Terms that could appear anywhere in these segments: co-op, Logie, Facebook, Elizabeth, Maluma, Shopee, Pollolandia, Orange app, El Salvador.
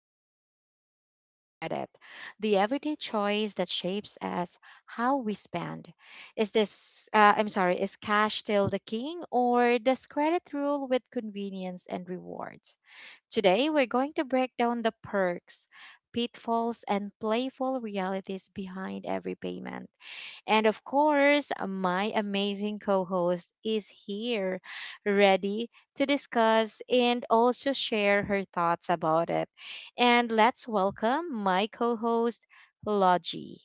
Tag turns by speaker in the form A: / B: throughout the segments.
A: about cash or credit, the everyday choice that shapes us how we spend. Is this, I'm sorry, is cash still the king or does credit rule with convenience and rewards? Today, we're going to break down the perks, pitfalls, and playful realities behind every payment. And of course, my amazing co host is here ready to discuss and also share her thoughts about it. And let's welcome my co host, Logie.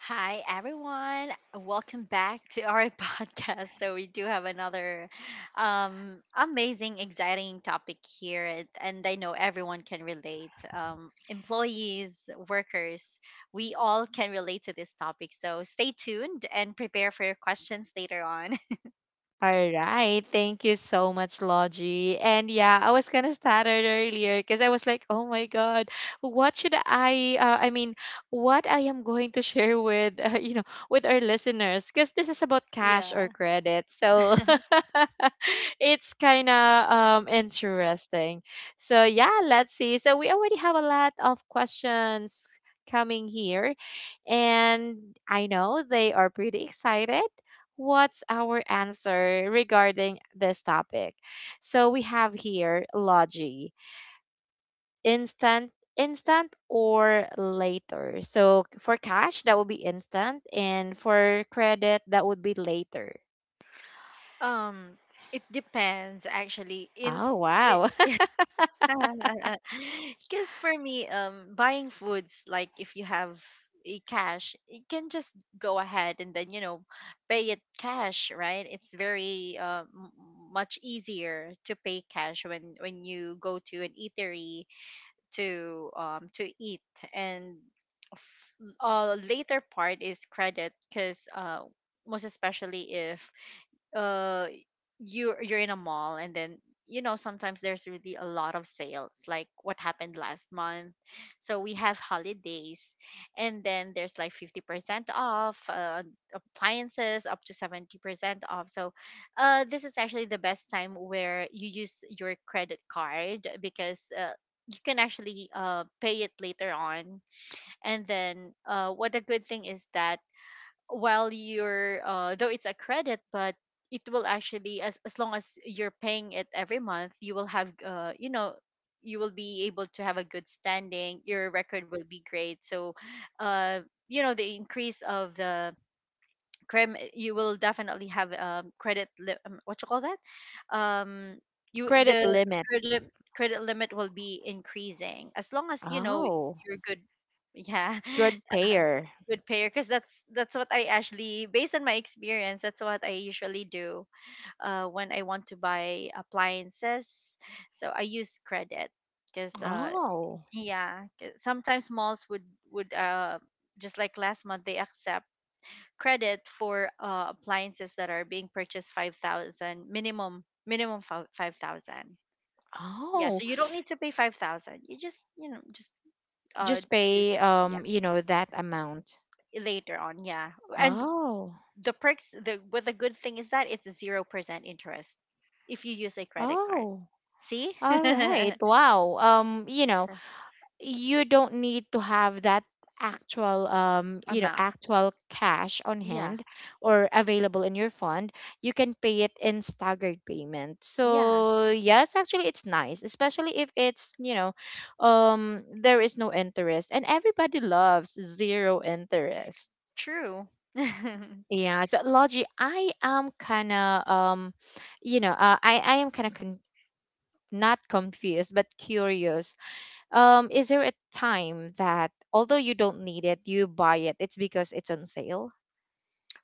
B: Hi, everyone. Welcome back to our podcast. So, we do have another amazing, exciting topic here. and I know everyone can relate. Employees, workers, we all can relate to this topic. So, stay tuned and prepare for your questions later on.
A: All right. Thank you so much, Logie. And yeah, I was kind of started earlier because I was like, oh my God, what should I mean, what I am going to share with, with our listeners because this is about cash or
B: Yeah.
A: credit. So it's kind of interesting. So yeah, let's see. So we already have a lot of questions coming here, and I know they are pretty excited. What's our answer regarding this topic? So we have here, Logi, instant or later. So for cash, that would be instant, and for credit, that would be later.
B: Um, it depends actually. In
A: Oh, wow.
B: Because for me, buying foods, like if you have a cash, you can just go ahead and then, pay it cash, right? It's very much easier to pay cash when you go to an eatery to eat. And f- later part is credit, because most especially if uh you're in a mall, and then, you know, sometimes there's really a lot of sales, like what happened last month. So we have holidays, and then there's like 50% off, appliances up to 70% off. So this is actually the best time where you use your credit card, because you can actually pay it later on. And then what a good thing is that while you're though it's a credit, but it will actually, as long as you're paying it every month, you will have, you know, you will be able to have a good standing. Your record will be great. So uh you know, the increase of the crim, you will definitely have credit what you call that, um you
A: Credit
B: the
A: limit.
B: credit, credit limit will be increasing as long as, you know,
A: Oh,
B: you're good. Yeah.
A: good payer.
B: Good payer, because that's what I actually, based on my experience, that's what I usually do when I want to buy appliances. So I use credit, because
A: Oh,
B: yeah, 'cause sometimes malls would would uh, just like last month, they accept credit for appliances that are being purchased, 5,000 minimum, 5,000. Yeah,
A: oh,
B: so you don't need to pay 5,000, you just, you know, just uh
A: just
B: use,
A: pay
B: yeah,
A: that amount.
B: later on. Yeah. And
A: Oh,
B: the perks, the but the good thing is that it's a 0% interest if you use a credit card,
A: oh.
B: see.
A: All right. Wow. You know, you don't need to have that actual you know
B: Amount.
A: actual cash on
B: Yeah.
A: hand or available in your fund. You can pay it in staggered payment,
B: Yeah.
A: so yes, actually, it's nice, especially if it's, there is no interest, and everybody loves zero interest.
B: True.
A: Yeah, so Logi, I am kind of you know, I am kind of not confused but curious. Is there a time that, although you don't need it, you buy it? It's because it's on sale?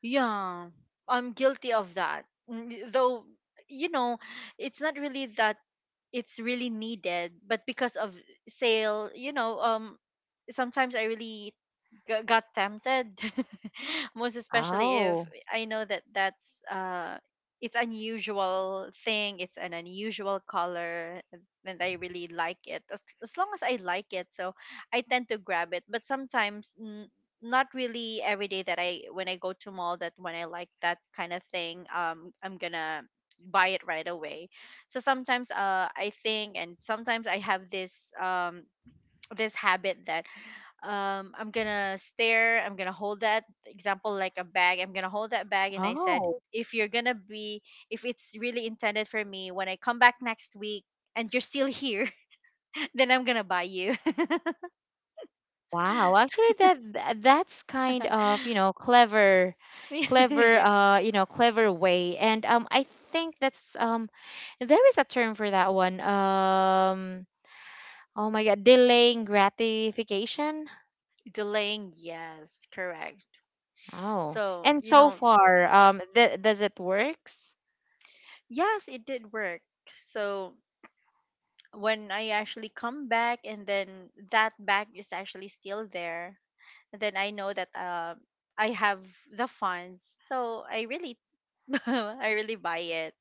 B: Yeah, I'm guilty of that. Mm, though, you know, it's not really that it's really needed, but because of sale, you know. Sometimes I really got tempted. Most especially if
A: Oh,
B: I know that that's it's unusual thing, it's an unusual color, and I really like it. As long as I like it, so I tend to grab it. But sometimes, not really every day that I when I go to mall, that when I like that kind of thing, I'm gonna buy it right away. So sometimes I think, and sometimes I have this this habit that, I'm gonna stare, I'm gonna hold that, example like a bag, I'm gonna hold that bag, and I said,
A: oh,
B: if you're gonna be, if it's really intended for me, when I come back next week and you're still here, then I'm gonna buy you.
A: wow. Actually, that that's kind of, you know, clever, clever,
B: Yeah.
A: you know, clever way. And I think that's there is a term for that one. Oh my God, delaying gratification.
B: Delaying, yes, correct.
A: Oh,
B: So
A: and
B: you
A: so
B: know,
A: far, th does it works?
B: yes, it did work. So when I actually come back, and then that bag is actually still there, then I know that I have the funds. So I really, I really buy it.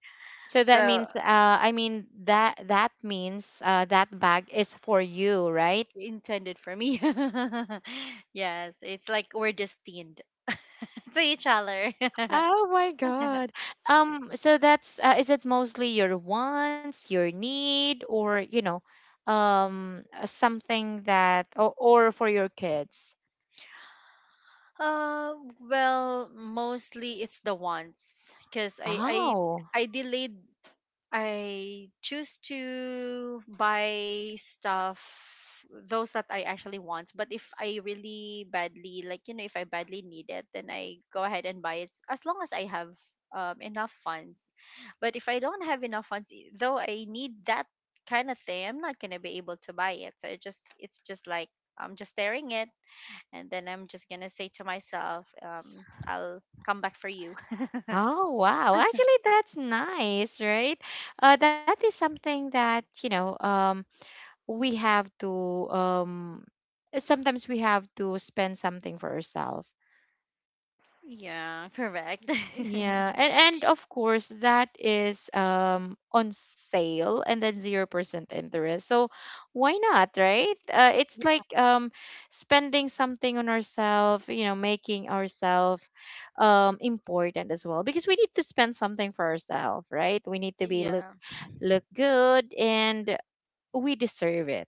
A: So
B: So
A: that
B: uh,
A: means, I mean that that means, that bag is for you, right?
B: intended for me. Yes, it's like we're destined to each other.
A: Oh my God. So that's, is it mostly your wants, your need, or you know, something that or for your kids?
B: Uh, well, mostly it's the wants, because
A: Oh,
B: I delayed, I choose to buy stuff, those that I actually want. But if I really badly like, you know, if I badly need it, then I go ahead and buy it as long as I have enough funds. But if I don't have enough funds, though I need that kind of thing, I'm not gonna be able to buy it. So it just, it's just like, I'm just staring it, and then I'm just gonna say to myself, I'll come back for you.
A: oh wow. Actually, that's nice, right? That is something that, you know, we have to, sometimes we have to spend something for ourselves.
B: Yeah, correct.
A: Yeah, and of course that is on sale, and then 0% interest. So why not, right? It's like spending something on ourselves, you know, making ourselves important as well, because we need to spend something for ourselves, right? We need to be look
B: Yeah.
A: good, and we deserve it.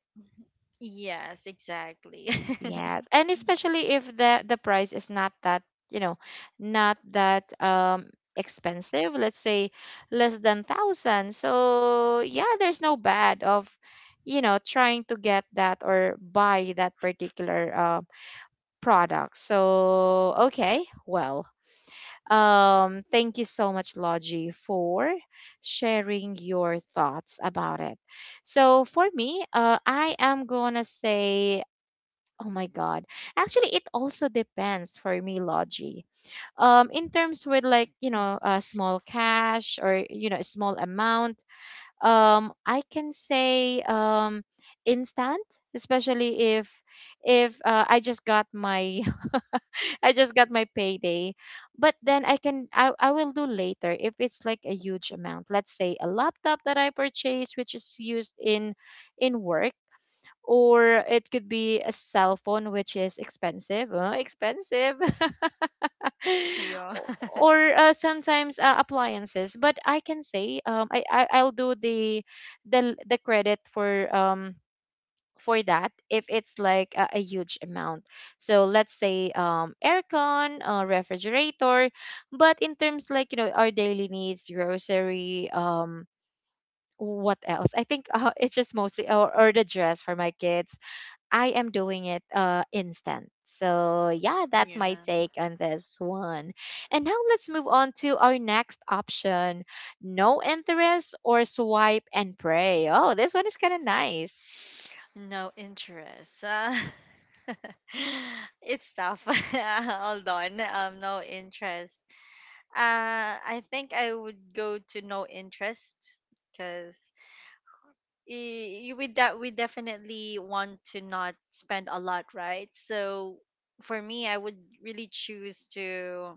B: Yes, exactly.
A: Yes, and especially if the price is not that, you know, not that expensive, let's say less than thousand. So yeah, there's no bad of, you know, trying to get that or buy that particular product. So okay, well, thank you so much, Logi, for sharing your thoughts about it. So for me, I am gonna say oh my God. Actually, it also depends for me, Logie. In terms with, like, you know, a small cash or, you know, a small amount, I can say instant, especially if I just got my I just got my payday. But then I can I will do later if it's like a huge amount. Let's say a laptop that I purchased, which is used in work, or it could be a cell phone which is expensive,
B: Yeah.
A: or sometimes, appliances, but I can say, I, I'll do the the credit for that if it's like a huge amount. So let's say, um, aircon, refrigerator, but in terms like, you know, our daily needs, grocery, um, what else, I think, it's just mostly or the dress for my kids. I am doing it, instant. So, yeah, that's
B: Yeah.
A: my take on this one. And now let's move on to our next option: no interest or swipe and pray. Oh, this one is kind of nice.
B: No interest. It's tough. Hold on. No interest. I think I would go to no interest, because with that, we definitely want to not spend a lot, right? So for me, I would really choose to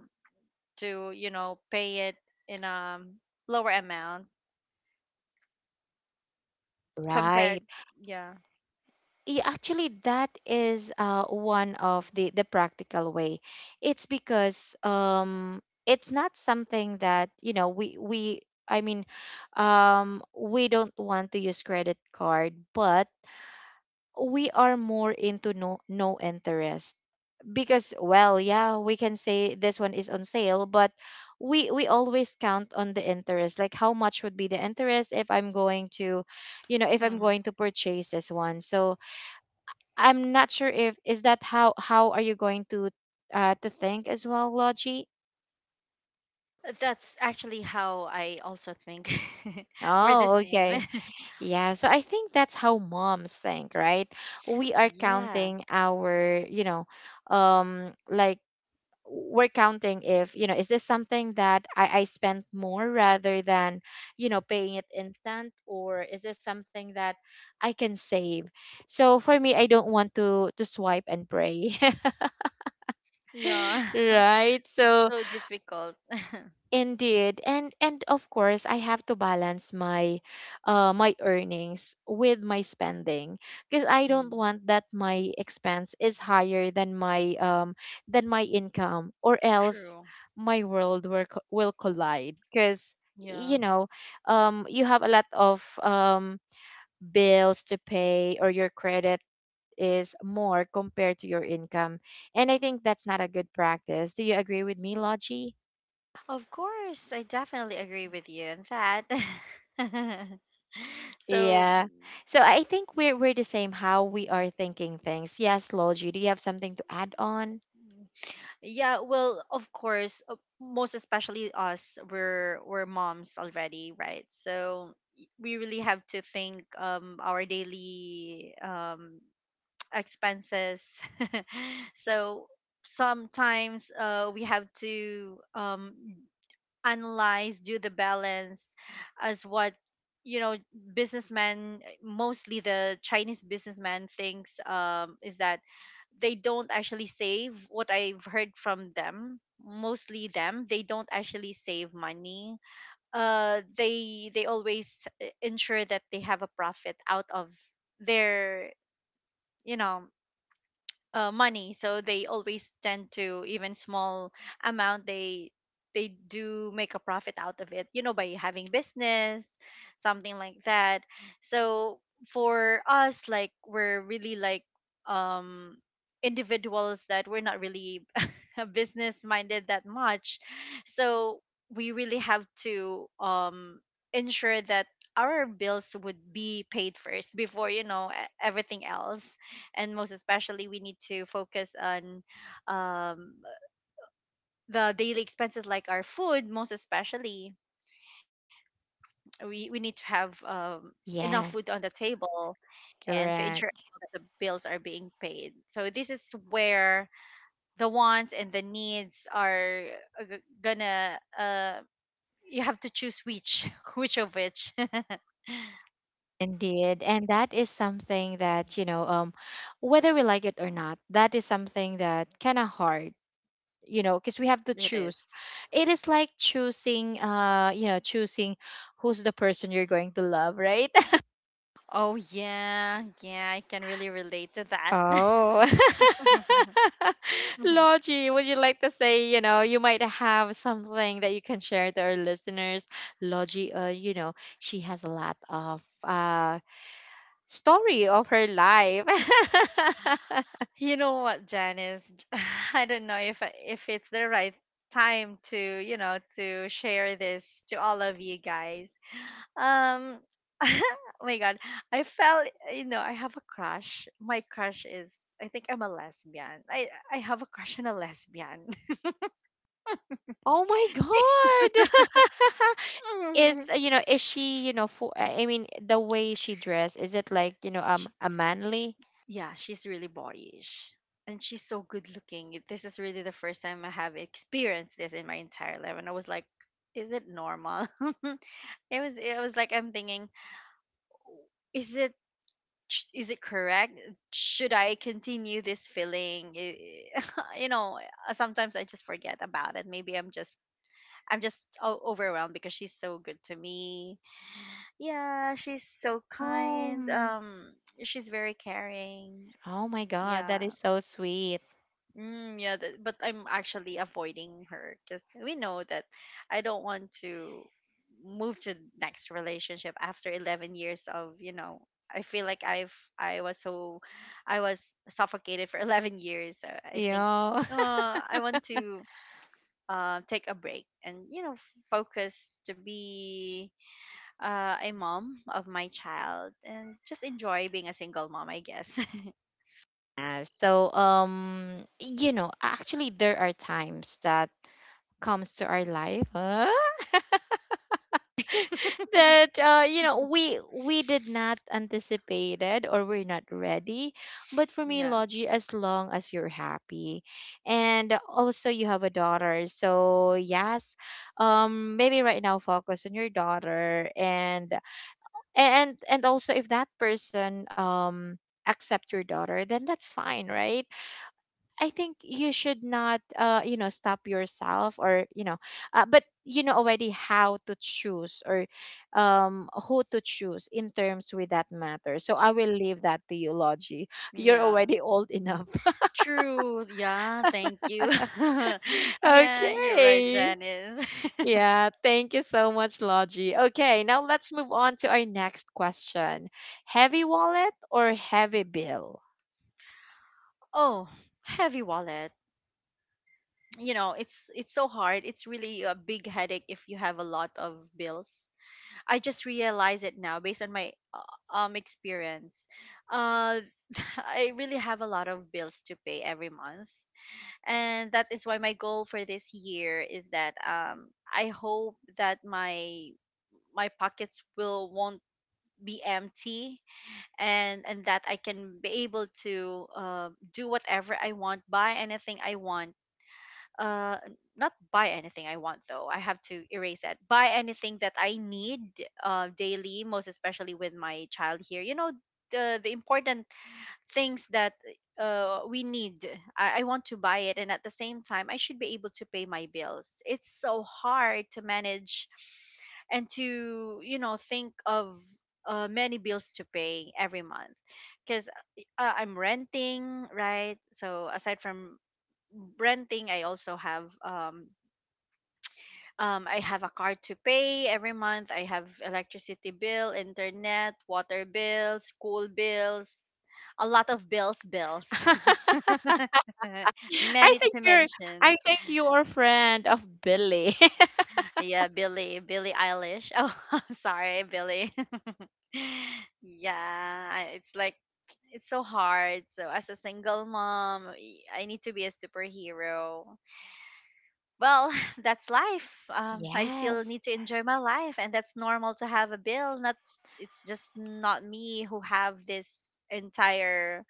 B: you know, pay it in a lower amount compared.
A: Right.
B: Yeah.
A: Yeah, actually, that is one of the practical way. It's because, it's not something that, you know, we, I mean, we don't want to use credit card, but we are more into no interest, because, well, yeah, we can say this one is on sale, but we always count on the interest, like how much would be the interest if I'm going to, you know, if I'm
B: Hmm.
A: going to purchase this one. So I'm not sure if is that how are you going to, to think as well, Logi.
B: That's actually how I also think. We're the
A: Oh
B: same.
A: okay. Yeah, so I think that's how moms think, right? We are
B: Yeah.
A: counting our, you know, like, we're counting if, you know, is this something that I spent more rather than, you know, paying it instant, or is this something that I can save. So for me, I don't want to swipe and pray.
B: Yeah.
A: Right,
B: It's
A: so
B: so difficult.
A: indeed, and of course, I have to balance my my earnings with my spending, because I don't
B: Mm.
A: want that my expense is higher than my income, or else
B: True.
A: my world will will collide because,
B: Yeah.
A: you know, you have a lot of bills to pay, or your credit is more compared to your income. And I think that's not a good practice. Do you agree with me, Logie?
B: Of course, I definitely agree with you on that. So,
A: Yeah. So I think we're the same how we are thinking things. Yes, Logi, do you have something to add on?
B: yeah, well, of course, most especially us, we're moms already, right? So we really have to think our daily expenses. So sometimes we have to, analyze, do the balance as what, you know, businessmen, mostly the chinese businessman thinks, is that they don't actually save. What I've heard from them, mostly them, they don't actually save money. They always ensure that they have a profit out of their, you know, money. So they always tend to, even small amount, they do make a profit out of it, you know, by having business, something like that. So for us, like we're really like, um individuals that we're not really business minded that much, so we really have to, ensure that our bills would be paid first before, you know, everything else. And most especially, we need to focus on, um, the daily expenses, like our food, most especially. We need to have, enough food on the
A: Yes.
B: table, and to ensure
A: Correct.
B: that the bills are being paid. So this is where the wants and the needs are, gonna, uh, you have to choose which which of which.
A: Indeed. And that is something that, you know, whether we like it or not, that is something that kind of hard, you know, because we have to
B: It
A: choose.
B: is.
A: It is like choosing, you know, choosing who's the person you're going to love, right?
B: Oh yeah, yeah, I can really relate to that.
A: Oh, Logie, would you like to say, you know, you might have something that you can share to our listeners? Logie, you know, she has a lot of story of her life.
B: You know what, Janice? I don't know if if it's the right time to, you know, to share this to all of you guys. Um, oh my God, I felt, you know, I have a crush. My crush is, I think I'm a lesbian. I have a crush on a lesbian.
A: Oh my God. Is, you know, is she, you know, for, I mean, the way she dressed, is it like, you know,
B: She-
A: a manly?
B: yeah, she's really boyish. And she's so good looking. This is really the first time I have experienced this in my entire life. And I was like, is it normal? It was, it was like, I'm thinking, is it, is it correct, should I continue this feeling? You know, sometimes I just forget about it, maybe I'm just, overwhelmed because she's so good to me. Yeah, she's so kind.
A: Um,
B: She's very caring.
A: oh my God, that
B: Yeah.
A: is so sweet.
B: Mm, yeah, but I'm actually avoiding her, because we know that, I don't want to move to next relationship after 11 years of, you know, I feel like I was so, I was suffocated for 11 years. So I think
A: Yeah.
B: I want to take a break, and you know, focus to be a mom of my child, and just enjoy being a single mom, I guess.
A: Yeah, so you know, actually, there are times that comes to our life, huh? That, you know, we did not anticipate it, or we're not ready, but for me,
B: Yeah.
A: Logi, as long as you're happy, and also you have a daughter, so yes, maybe right now focus on your daughter, and also if that person accept your daughter, then that's fine, right? I think you should not, you know, stop yourself, or, you know, but you know already how to choose or, who to choose in terms with that matter. So I will leave that to you, Logie. You're
B: Yeah.
A: already old enough.
B: True. Yeah, thank you. Yeah, you're right,
A: Okay.
B: Janice.
A: Yeah. Thank you so much, Logie. Okay. Now let's move on to our next question. Heavy wallet or heavy bill?
B: Oh, heavy wallet. You know, it's so hard. It's really a big headache if you have a lot of bills. I just realize it now based on my experience. Uh I really have a lot of bills to pay every month. And that is why my goal for this year is that, I hope that my pockets will, won't be empty, and that I can be able to do whatever I want, buy anything I want. Uh, Not buy anything I want though. I have to erase that. Buy anything that I need, daily, most especially with my child here. You know, the important things that we need. I want to buy it, and at the same time, I should be able to pay my bills. It's so hard to manage, and to, you know, think of many bills to pay every month, because I'm renting, right? So aside from renting, I also have I have a card to pay every month. I have electricity bill, internet, water bill, school bills, a lot of bills, bills.
A: I
B: Many
A: think
B: to
A: you're
B: mention.
A: I think you are friend of Billy.
B: Yeah, Billy, Billie Eilish. Oh, I'm sorry, Billy. Yeah, it's like, it's so hard. So as a single mom, I need to be a superhero. Well, that's life. I still
A: Yes.
B: need to enjoy my life, and that's normal to have a bill. Not s- It's just not me who have this entire,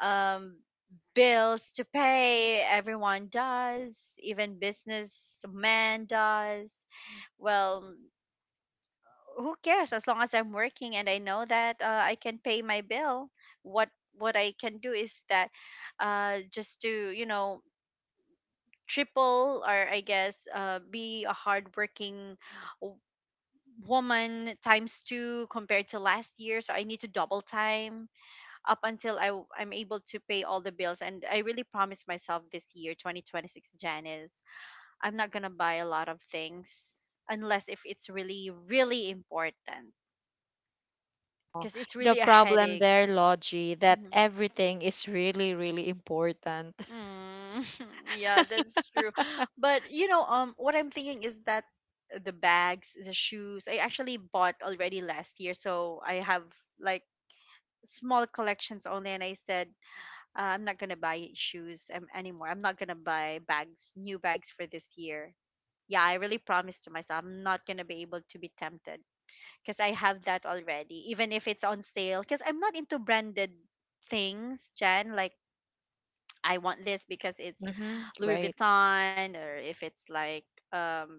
B: um, bills to pay. Everyone does, even businessman does. Well, who cares? As long as I'm working and I know that I can pay my bill, what what I can do is that just to you know triple or I guess be a hardworking w- woman times two compared to last year. So I need to double time up until I'm able to pay all the bills. And I really promised myself this year, 2026, Janice, I'm not going to buy a lot of things unless if it's really, really important because it's
A: The
B: really a
A: problem
B: headache.
A: there, Logie, that
B: Mm-hmm.
A: everything is really, really important.
B: Mm, yeah, that's true. But what I'm thinking is that the bags, the shoes, I actually bought already last year, so I have like small collections only. And I said, I'm not gonna buy shoes anymore. I'm not gonna buy bags, new bags for this year. Yeah, I really promised to myself I'm not gonna be able to be tempted because I have that already, even if it's on sale. Because I'm not into branded things, Jen. Like I want this because it's
A: Mm-hmm,
B: Louis
A: right.
B: Vuitton, or if it's like um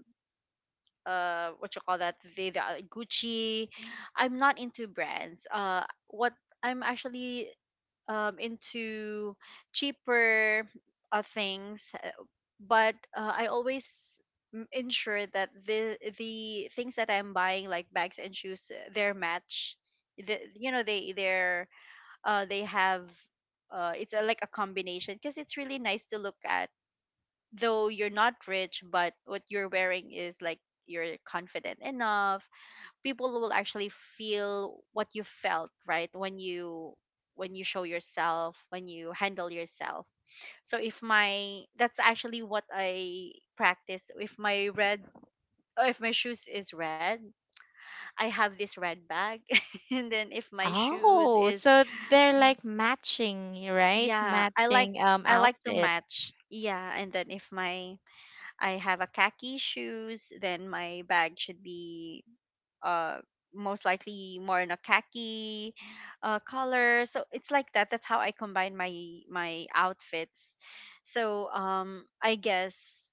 B: what you call that, the Gucci. I'm not into brands. What I'm actually into cheaper things, but I always ensure that the things that I'm buying like bags and shoes, they're match the, they have it's a, like a combination because it's really nice to look at. Though you're not rich, but what you're wearing is like you're confident enough, people will actually feel what you felt, right, when you show yourself, when you handle yourself. So if my that's actually what I practice. If my shoes is red, I have this red bag, and then if my shoes
A: Oh,
B: is
A: so they're like matching, right?
B: Yeah,
A: Matching
B: I like to
A: outfit.
B: match. Yeah, and then if my I have a khaki shoes, then my bag should be uh most likely more in a khaki color. So it's like that. That's how I combine my outfits. So I guess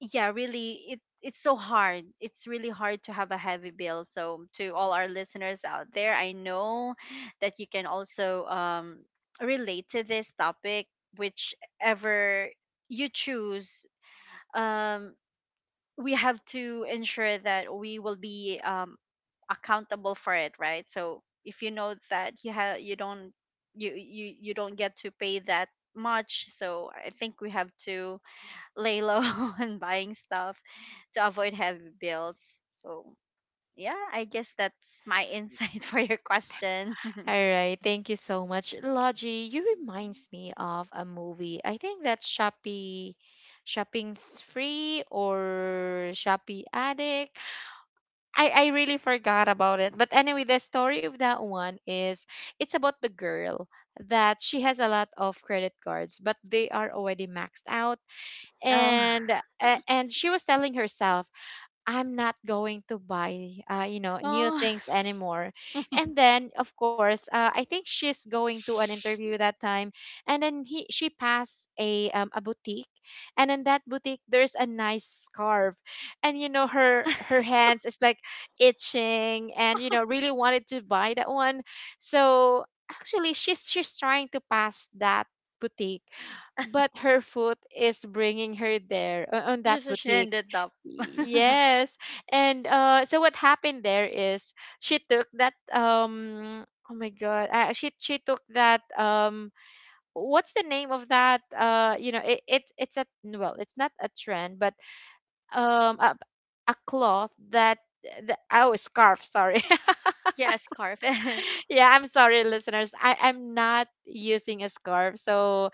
B: yeah, really it's so hard, it's really hard to have a heavy bill. So to all our listeners out there, I know that you can also relate to this topic, whichever you choose, um we have to ensure that we will be accountable for it, right? So if you know that you have you don't you you you don't get to pay that much, so I think we have to lay low and buying stuff to avoid heavy bills. So, yeah, I guess that's my insight for your question.
A: All right, thank you so much. Logie, you reminds me of a movie. I think that's Shopee Shopping's Free or Shopee Addict. I really forgot about it. But anyway, the story of that one is it's about the girl that she has a lot of credit cards, but they are already maxed out.
B: Oh,
A: And and she was telling herself, I'm not going to buy, you know, new
B: oh,
A: things anymore. And then, of course, I think she's going to an interview that time, and then he she passed a, a boutique, and in that boutique there's a nice scarf, and you know her hands is like itching, and you know really wanted to buy that one. So actually, she's trying to pass that boutique, but her foot is bringing her there on that
B: just a shame
A: boutique.
B: that up.
A: Yes. And so what happened there is she took that um oh my god. She took that what's the name of that you know it's a, well, it's not a trend, but um a, a cloth that the oh scarf sorry.
B: Yeah, scarf is.
A: Yeah, I'm sorry, listeners. I'm not using a scarf, so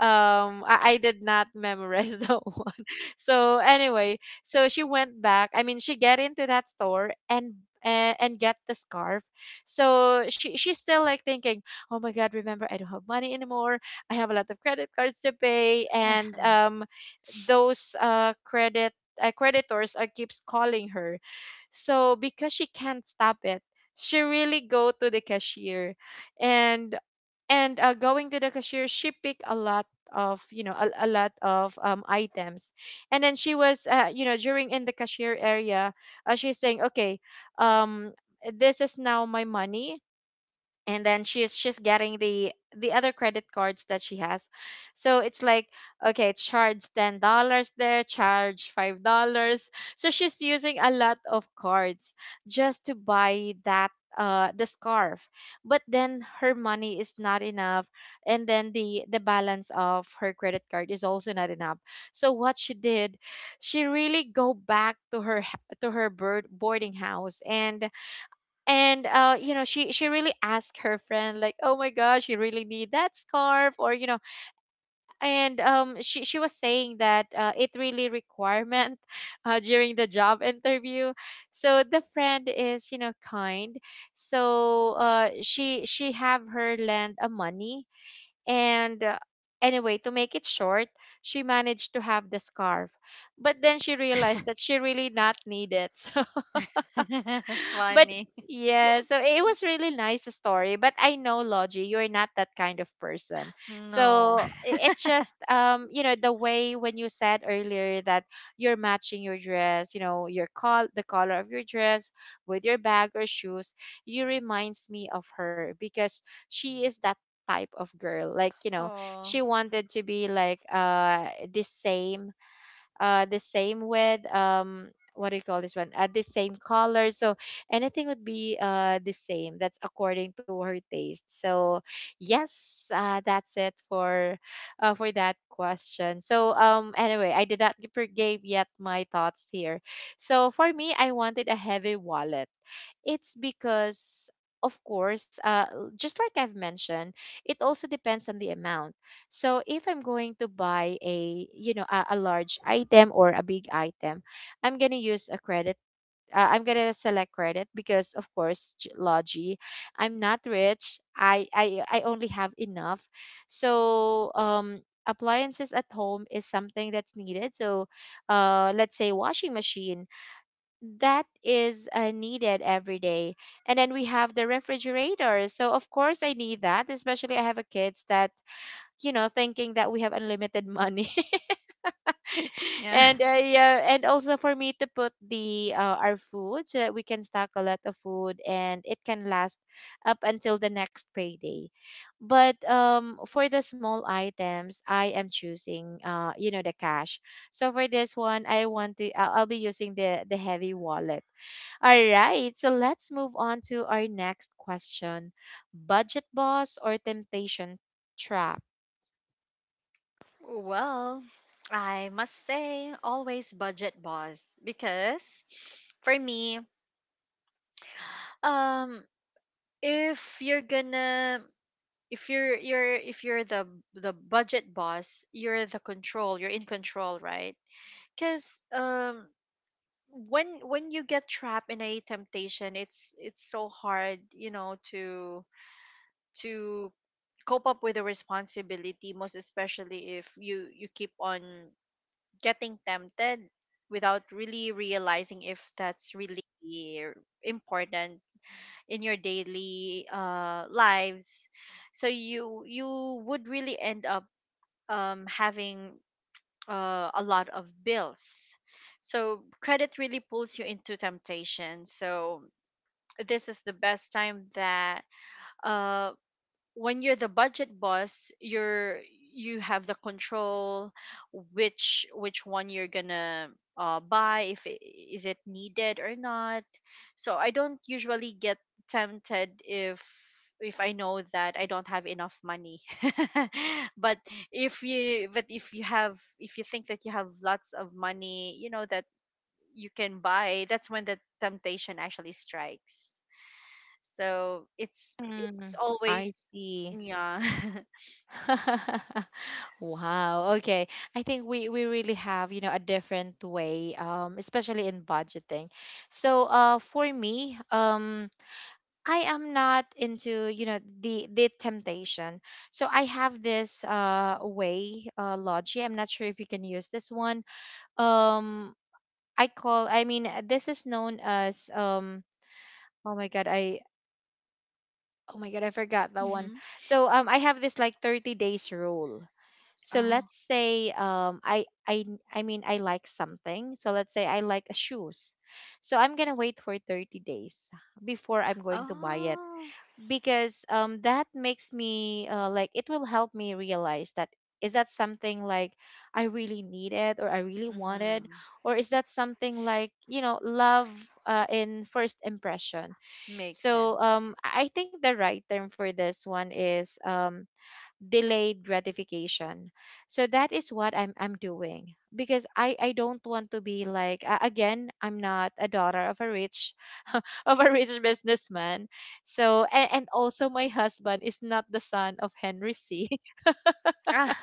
A: I did not memorize that one. So anyway, so she went back. I mean, she get into that store, and and get the scarf. So she's still like thinking, oh my god, remember I don't have money anymore. I have a lot of credit cards to pay, and those credit creditors are keeps calling her. So because she can't stop it she really go to the cashier and going to the cashier she picked a lot of a lot of items, and then she was during in the cashier area. She's saying okay, um this is now my money. And then she's getting the other credit cards that she has, so it's like okay charge $10 there, charge $5. So she's using a lot of cards just to buy that the scarf, but then her money is not enough, and then the balance of her credit card is also not enough. So what she did, she really go back to to her bird boarding house, and she really asked her friend like, oh my gosh, you really need that scarf? Or you know And she was saying that it really requirement during the job interview. So the friend is kind, so she have her lend a money. And anyway, to make it short, she managed to have the scarf, but then she realized that she really not need it.
B: It's
A: But
B: funny.
A: yeah, so it was really nice story. But I know, Logie, you're not that kind of person.
B: No.
A: So it's just the way when you said earlier that you're matching your dress, you know, your col the color of your dress with your bag or shoes, you reminds me of her because she is that type of girl,
B: Oh,
A: she wanted to be like the same, with what do you call this one, the same color. So anything would be the same, that's according to her taste. So yes, that's it for, for that question. So anyway, I did not give gave yet my thoughts here. So for me, I wanted a heavy wallet. It's because, of course, just like I've mentioned, it also depends on the amount. So if I'm going to buy a large item or a big item, I'm gonna use a credit. I'm gonna select credit because, of course, Logi, I'm not rich. I only have enough. So appliances at home is something that's needed. So let's say washing machine, that is needed every day. And then we have the refrigerator. So of course I need that, especially I have a kids that, you know, thinking that we have unlimited money.
B: yeah.
A: And yeah, and also for me to put the our food so that we can stock a lot of food and it can last up until the next payday. But for the small items, I am choosing you know the cash. So for this one, I want to I'll be using the heavy wallet. All right, so let's move on to our next question. Budget boss or temptation trap?
B: Well, I must say, always budget boss because for me, um, if you're gonna if you're the budget boss, you're the control, you're in control, right? Because when you get trapped in a temptation, it's so hard, you know, to cope up with the responsibility, most especially if you keep on getting tempted without really realizing if that's really important in your daily lives. So you would really end up having a lot of bills. So credit really pulls you into temptation. So this is the best time that, uh, when you're the budget boss, you're you have the control, which one you're gonna buy, if I- is it needed or not. So I don't usually get tempted if if I know that I don't have enough money. But if you have, if you think that you have lots of money, you know that you can buy, that's when the temptation actually strikes. So it's
A: Mm, I
B: always
A: see.
B: yeah.
A: Wow. Okay. I think we really have, you know, a different way, especially in budgeting. So, for me, I am not into, you know, the temptation. So I have this way, Logi. I'm not sure if you can use this one. Um, I mean this is known as oh my god I oh my god, I forgot that one.
B: Hmm,
A: So I have this like 30 days rule. So
B: oh,
A: let's say I mean, I like something. So let's say I like a shoes. So I'm going to wait for 30 days before I'm going to buy it,
B: oh.
A: because that makes me like, it will help me realize that, is that something like I really needed or I really
B: Mm-hmm.
A: wanted, or is that something like, you know, love in first impression.
B: Makes
A: So
B: sense.
A: I think the right term for this one is delayed gratification. So that is what I'm doing, because I don't want to be like, again, I'm not a daughter of a rich of a rich businessman. So and also my husband is not the son of Henry C.
B: Ah.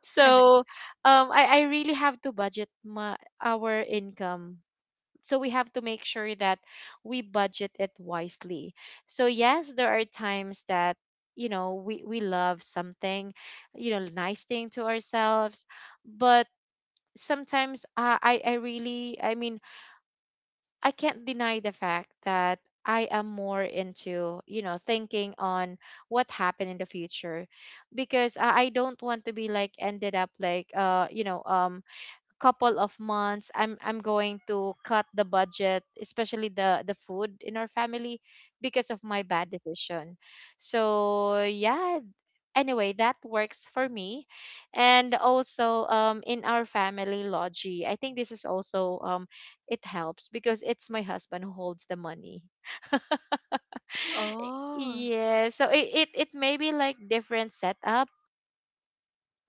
A: So I really have to budget my, our income. So we have to make sure that we budget it wisely. So yes, there are times that, you know, we love something, you know, nice thing to ourselves, but sometimes I really, I mean, I can't deny the fact that I am more into, you know, thinking on what happened in the future, because I don't want to be like ended up like couple of months I'm going to cut the budget, especially the food in our family, because of my bad decision. So yeah, anyway, that works for me. And also in our family, Logi, I think this is also it helps, because it's my husband who holds the money.
B: Oh.
A: Yeah, so it it may be like different setup,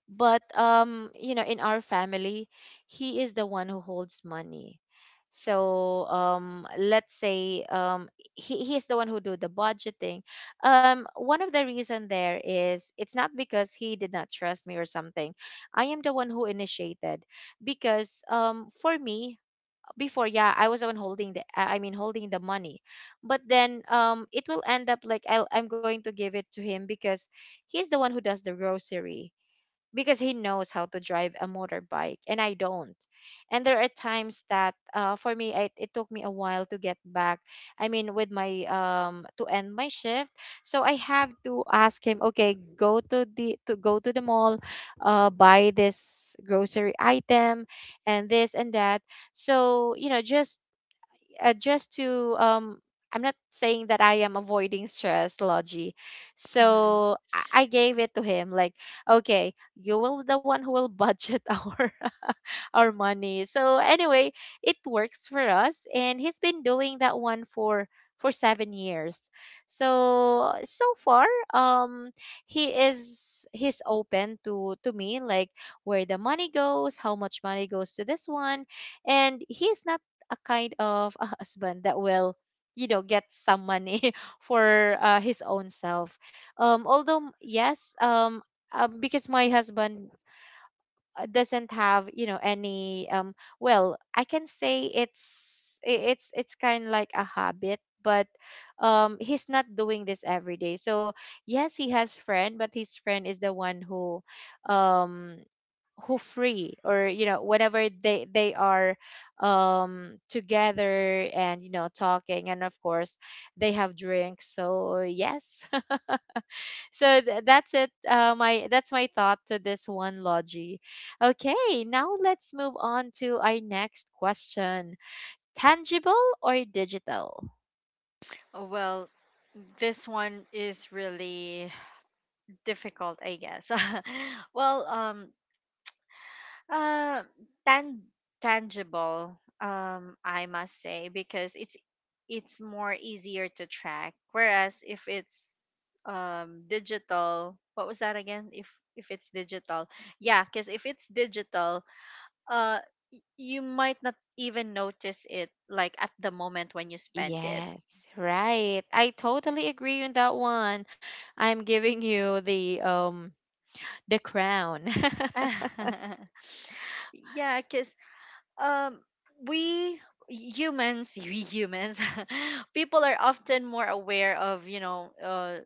A: but you know, in our family, he is the one who holds money. So let's say he is the one who do the budgeting. One of the reason there is, it's not because he did not trust me or something. I am the one who initiated, because for me before, yeah, I was the one holding the I mean holding the money, but then it will end up like I'm going to give it to him, because he's the one who does the grocery, because he knows how to drive a motorbike and I don't. And there are times that for me, it took me a while to get back. I mean, with my to end my shift, so I have to ask him, okay, go to the to go to the mall, buy this grocery item, and this and that. So you know, just to I'm not saying that I am avoiding stress, Logi.
B: Hmm.
A: So I gave it to him like, okay, you will be the one who will budget our money. So anyway, it works for us, and he's been doing that one for 7 years. So so far, um he's open to me, like where the money goes, how much money goes to this one. And he's not a kind of a husband that will, you know, get some money for his own self. Although yes, because my husband doesn't have, you know, any well, I can say it's, it's kind of like a habit, but he's not doing this every day. So yes, he has friend, but his friend is the one um who free, or you know, whenever they are together, and you know, talking, and of course they have drinks. So yes. So that's it, my that's my thought to this one, Logi. Okay, now let's move on to our next question. Tangible or digital?
B: Well, this one is really difficult, I guess. Well, Uh, tan- tangible, I must say, because it's more easier to track. Whereas if it's digital, what was that again? If it's digital, yeah, because if it's digital, uh, you might not even notice it like at the moment when you spend it.
A: Yes, right, I totally agree on that one. I'm giving you the crown.
B: Yeah, because um we humans, we humans, people are often more aware of, you know,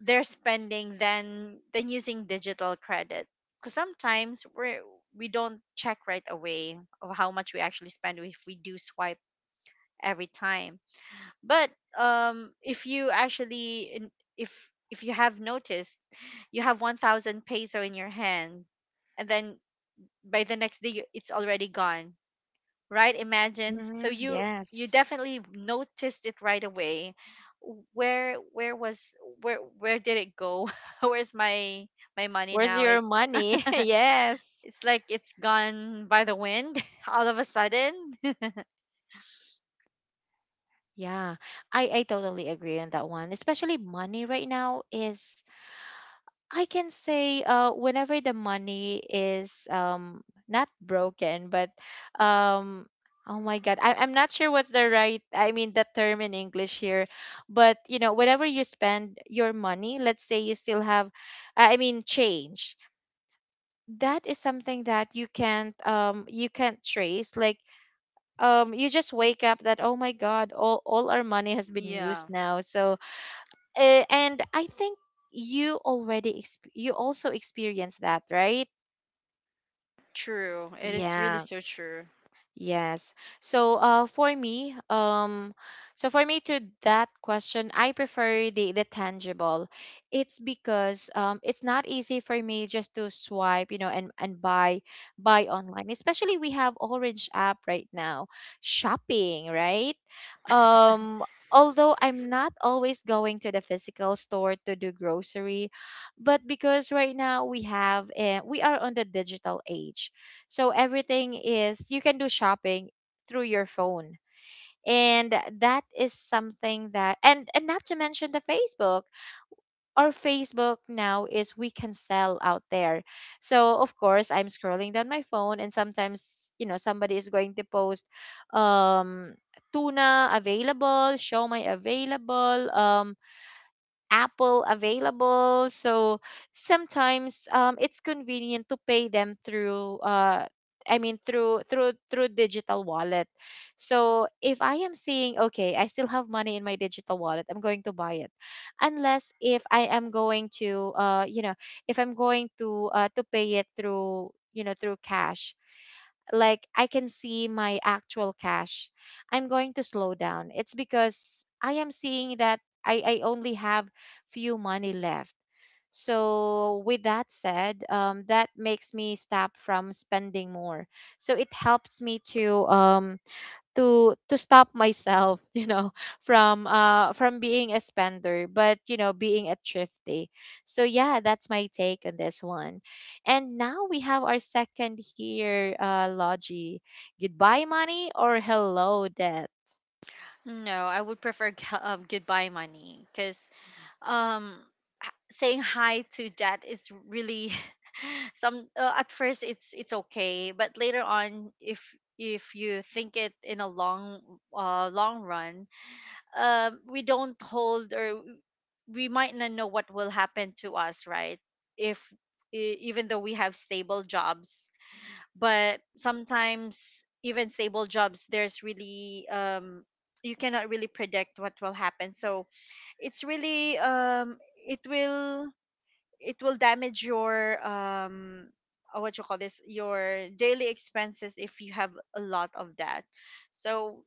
B: their spending than using digital credit, because sometimes we don't check right away of how much we actually spend if we do swipe every time. But um if you actually in- if you have noticed you have 1,000 peso in your hand, and then by the next day you- it's already gone, right? Imagine. So
A: Hmm,
B: you
A: yes.
B: definitely noticed it right away. where where was where did it go? Where's my my money
A: Where's
B: now?
A: your
B: It's
A: money? Yes.
B: it's like it's gone by the wind, all of a sudden.
A: Yeah, I totally agree on that one, especially money right now is, I can say, whenever the money is not broken, but um, oh my God, I'm not sure what's the right, I mean, the term in English here. But you know, whenever you spend your money, let's say you still have, I mean, change. That is something that you can't trace. Like you just wake up that, oh my God, all our money has been
B: Yeah,
A: used now. So and I think you already you also experienced that, right?
B: true. It is really
A: Yeah.
B: so true.
A: Yes. So, for me, so for me to that question, I prefer the tangible. It's because it's not easy for me just to swipe, you know, and buy, buy online. Especially we have Orange app right now, shopping, right? Um, although I'm not always going to the physical store to do grocery, but because right now we have, we are on the digital age, so everything is, you can do shopping through your phone. And that is something that, and not to mention the Facebook. Our Facebook now is we can sell out there. So of course I'm scrolling down my phone, and sometimes you know somebody is going to post um tuna available, show my available, Apple available. So sometimes it's convenient to pay them through. I mean through through through digital wallet. So if I am seeing okay, I still have money in my digital wallet, I'm going to buy it. Unless if I am going to you know, if I'm going to pay it through, you know, through cash, like I can see my actual cash, I'm going to slow down. It's because I am seeing that I only have few money left. So, with that said, that makes me stop from spending more. So it helps me to to stop myself, you know, from being a spender, but you know, being a thrifty. So yeah, that's my take on this one. And now we have our second here, Logie. Goodbye, money, or hello, debt.
B: No, I would prefer goodbye money, because um, saying hi to that is really some, at first it's okay, but later on if you think it in a long long run, we don't hold, or we might not know what will happen to us, right, if e- even though we have stable jobs. But sometimes even stable jobs there's really you cannot really predict what will happen. So it's really it will it will damage your what you call this, your daily expenses if you have a lot of that. So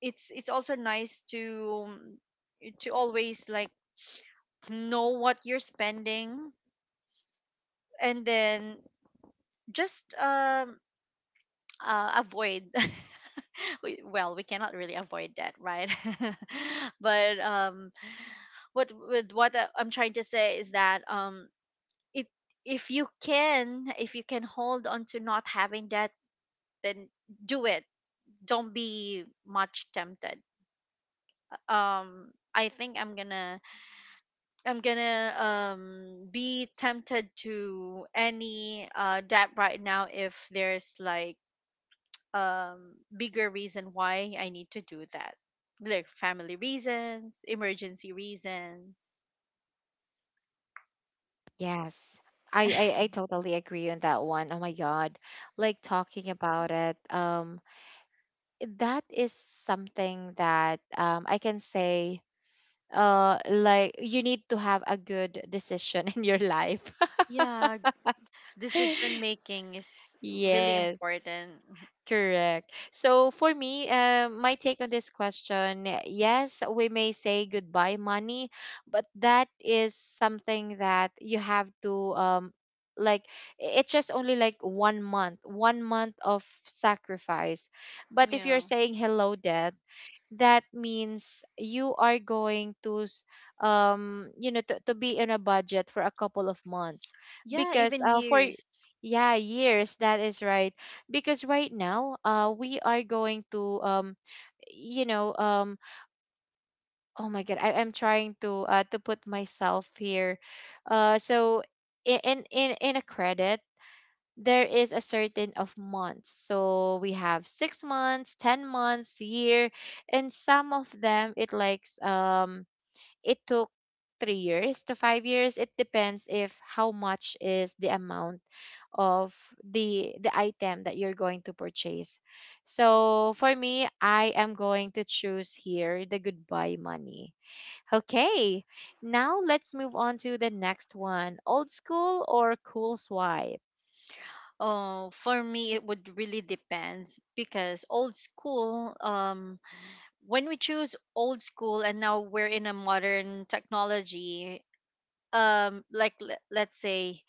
B: it's also nice to always like know what you're spending, and then just avoid, we- well we cannot really avoid that, right? But what with what I'm trying to say is that, it if you can, if you can hold on to not having that, then do it. Don't be much tempted. I think I'm gonna be tempted to any that right now if there's like bigger reason why I need to do that. Like family reasons, emergency reasons.
A: Yes. I totally agree on that one. Oh my God. Like talking about it, that is something that I can say like you need to have a good decision in your life.
B: Yeah, decision making is really
A: Yes.
B: important. Mhm.
A: Correct. So for me, my take on this question, yes, we may say goodbye money, but that is something that you have to like it's just only like 1 month, 1 month of sacrifice. But if you're
B: Yeah.
A: saying hello death, that means you are going to you know to be in a budget for a couple of months
B: Yeah,
A: because
B: even
A: for
B: years.
A: yeah, years, that is right. Because right now we are going to you know oh my god, I'm trying to put myself here, uh, so in a credit, there is a certain of months. So we have 6 months, 10 months, year, and some of them it likes it took 3 years to 5 years. It depends if how much is the amount of the item that you're going to purchase. So for me, I am going to choose here the goodbye money. Okay, now let's move on to the next one. Old school or cool swipe?
B: Oh, for me it would really depends because old school, when we choose old school and now we're in a modern technology, like, le- let's say,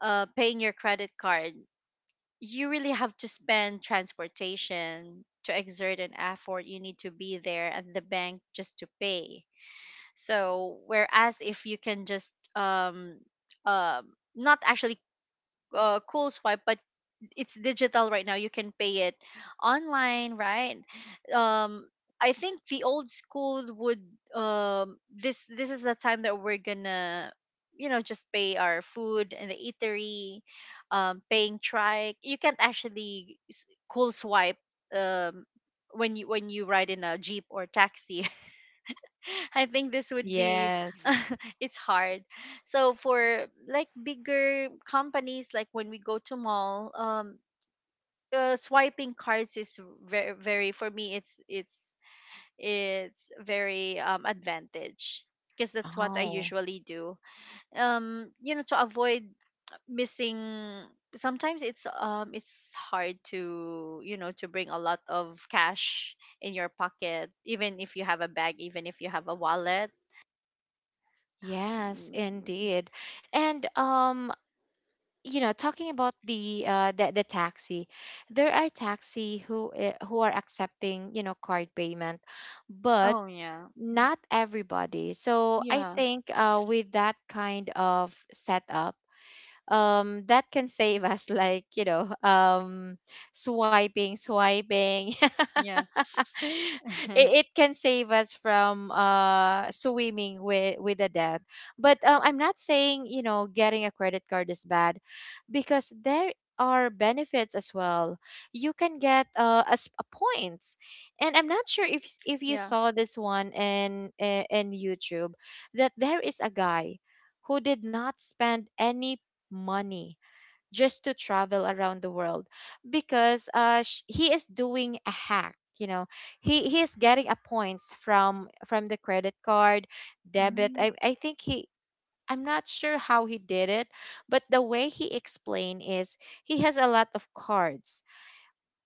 B: paying your credit card, you really have to spend transportation, to exert an effort, you need to be there at the bank just to pay. So whereas if you can just not actually cool swipe, but it's digital right now. You can pay it online, right? Um, I think the old school would this this is the time that we're gonna, you know, just pay our food in the eatery, paying trike. You can't actually cool swipe um when you ride in a jeep or taxi. I think this would be
A: Yes.
B: it's hard. So for like bigger companies, like when we go to mall, swiping cards is very very, for me it's very advantage, because that's what I
A: Oh,
B: usually do, you know, to avoid missing. Sometimes it's hard to, you know, to bring a lot of cash in your pocket, even if you have a bag, even if you have a wallet.
A: yes,
B: Mm,
A: indeed. And you know, talking about the taxi, there are taxi who are accepting, you know, card payment, but
B: oh yeah,
A: not everybody. So I
B: yeah,
A: think with that kind of setup that can save us like you know swiping swiping
B: yeah,
A: it, it can save us from swimming with the debt, but I'm not saying you know getting a credit card is bad, because there are benefits as well. You can get as a points, and I'm not sure if you
B: yeah,
A: saw this one in YouTube, that there is a guy who did not spend any money just to travel around the world because he is doing a hack, you know. He is getting a points from the credit card, debit,
B: mm,
A: I think he, I'm not sure how he did it, but the way he explained is he has a lot of cards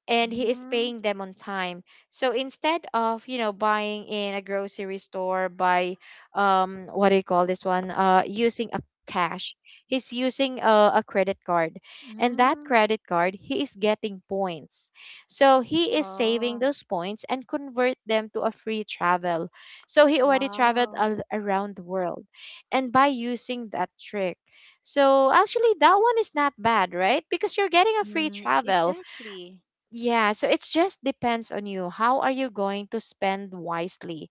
A: and he is
B: mm,
A: paying them on time. So instead of, you know, buying in a grocery store by what do you call this one? Uh, using a cash. He's using a credit card. And that
B: mm,
A: credit card, he is getting points. So he is saving
B: oh.
A: those points and convert them to a free travel. So he already traveled
B: Wow.
A: around the world. And by using that trick. So actually that one is not bad, right? Because you're getting a free
B: Mm,
A: travel.
B: exactly.
A: Yeah, so it just depends on you. How are you going to spend wisely?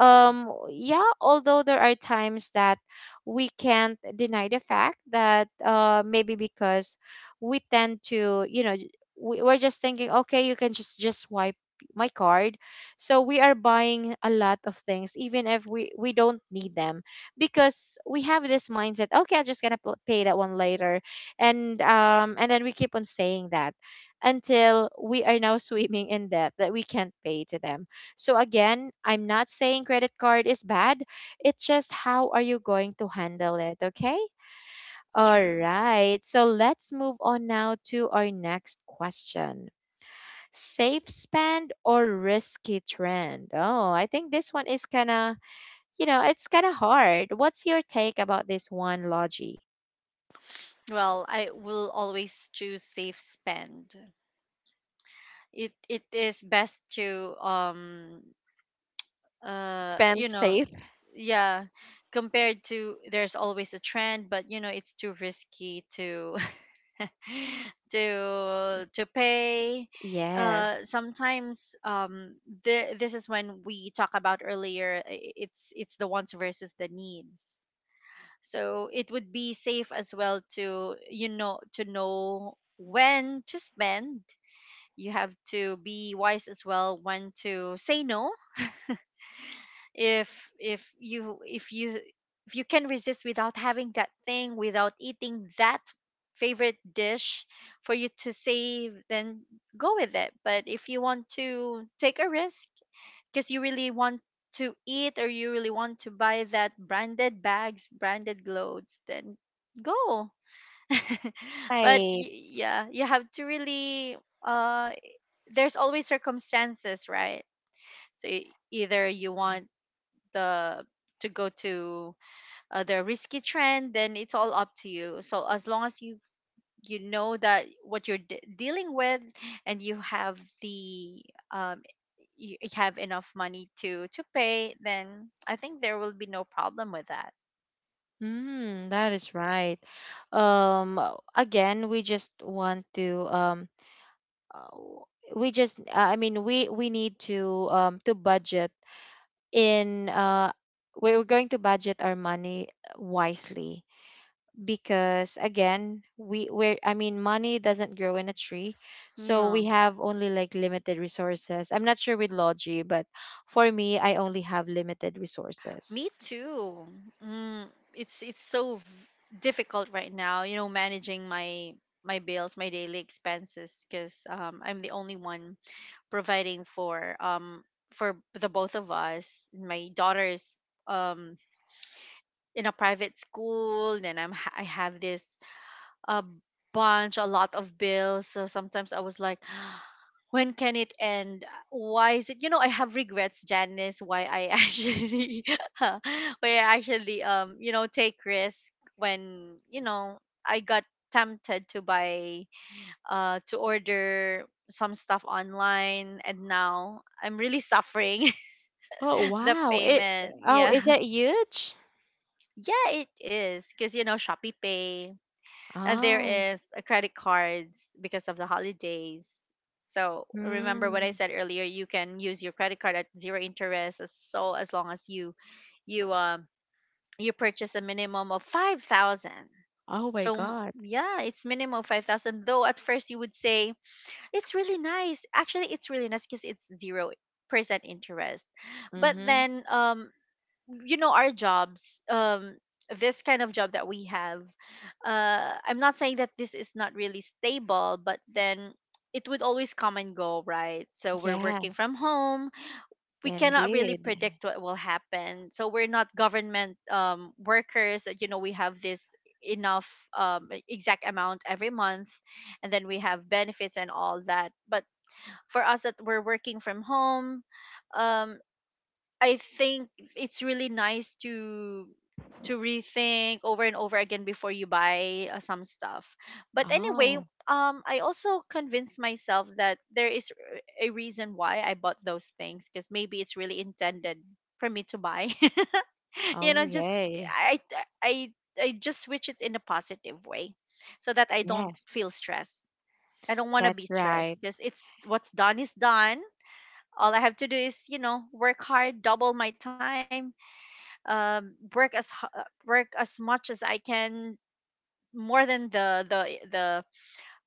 B: True.
A: Yeah, although there are times that we can't deny the fact that maybe because we tend to, you know, we're just thinking, okay, you can just swipe my card. So we are buying a lot of things, even if we don't need them, because we have this mindset, okay, I'm just gonna pay that one later, and then we keep on saying that until we are now swimming in debt that we can't pay to them. So again, I'm not saying credit card is bad. It's just how are you going to handle it, okay? All
B: True.
A: right. So let's move on now to our next question. Safe spend or risky trend? Oh, I think this one is kind of, you know, it's kind of hard. What's your take about this one, Logie?
B: Well, I will always choose safe spend. It is best to uh you
A: Spend
B: know
A: safe?
B: yeah, compared to, there's always a trend, but you know it's too risky to to pay.
A: Yes.
B: Sometimes the, this is when we talk about earlier, it's the wants versus the needs. So it would be safe as well to, you know, to know when to spend. You have to be wise as well when to say no. if if you if you if you can resist without having that thing, without eating that favorite dish, for you to save, then go with it. But if you want to take a risk, because you really want to eat, or you really want to buy that branded bags, branded clothes, then go. But
A: Right.
B: y- yeah, you have to really uh there's always circumstances, right? So e- either you want the to go to the risky trend, then it's all up to you. So as long as you you know that what you're dealing with, and you have the um, you have enough money to pay, then I think there will be no problem with that.
A: Mm, that is right. Again, we just want to uh, we just I mean we need to budget in we're going to budget our money wisely, because again we we're I mean money doesn't grow in a tree, so
B: Yeah,
A: we have only like limited resources. I'm not sure with Logi, but for me, I only have limited
B: me
A: resources.
B: too. Mm, it's it's so v- difficult right now, you know, managing my bills, my daily expenses, because I'm the only one providing for the both of us. My daughter's um in a private school, then I have this a bunch, a lot of bills. So sometimes I was like, when can it end? Why is it? You know, I have regrets, Janice. Why I actually, why I actually, take risk when you know I got tempted to buy, to order some stuff online, and now I'm really suffering
A: Oh
B: the
A: wow! It
B: payment.
A: oh
B: Yeah,
A: is that huge?
B: yeah, it is because you know Shopee Pay. There
A: Oh,
B: is a credit cards because of the holidays. So remember what
A: hmm.
B: I said earlier. You can use your credit card at zero interest, as so as long as you you you purchase a minimum of 5,000.
A: Oh my
B: So m-
A: God.
B: yeah, it's minimum of 5,000. Though at first you would say it's really nice. Actually, it's really nice because it's 0% interest. But
A: Mm-hmm.
B: then you know our jobs this kind of job that we have I'm not saying that this is not really stable, but then it would always come and go, right? So we're working from
A: Yes,
B: home, we cannot really
A: indeed.
B: predict what will happen. So we're not government workers that, you know, we have this enough e-, exact amount every month, and then we have benefits and all that. But for us that we're working from home, um I think it's really nice to rethink over and over again before you buy some stuff. But anyway,
A: Oh,
B: I also convinced myself that there is r- a reason why I bought those things, because maybe it's really intended for me to buy. You
A: oh
B: know, just
A: yay.
B: I I I just switch it in a positive way, so that I don't feel
A: Yes,
B: stressed. I don't want to be
A: that's
B: stressed
A: right.
B: because it's what's done is done. All I have to do is, you know, work hard, double my time, work as hu- work as much as I can, more than the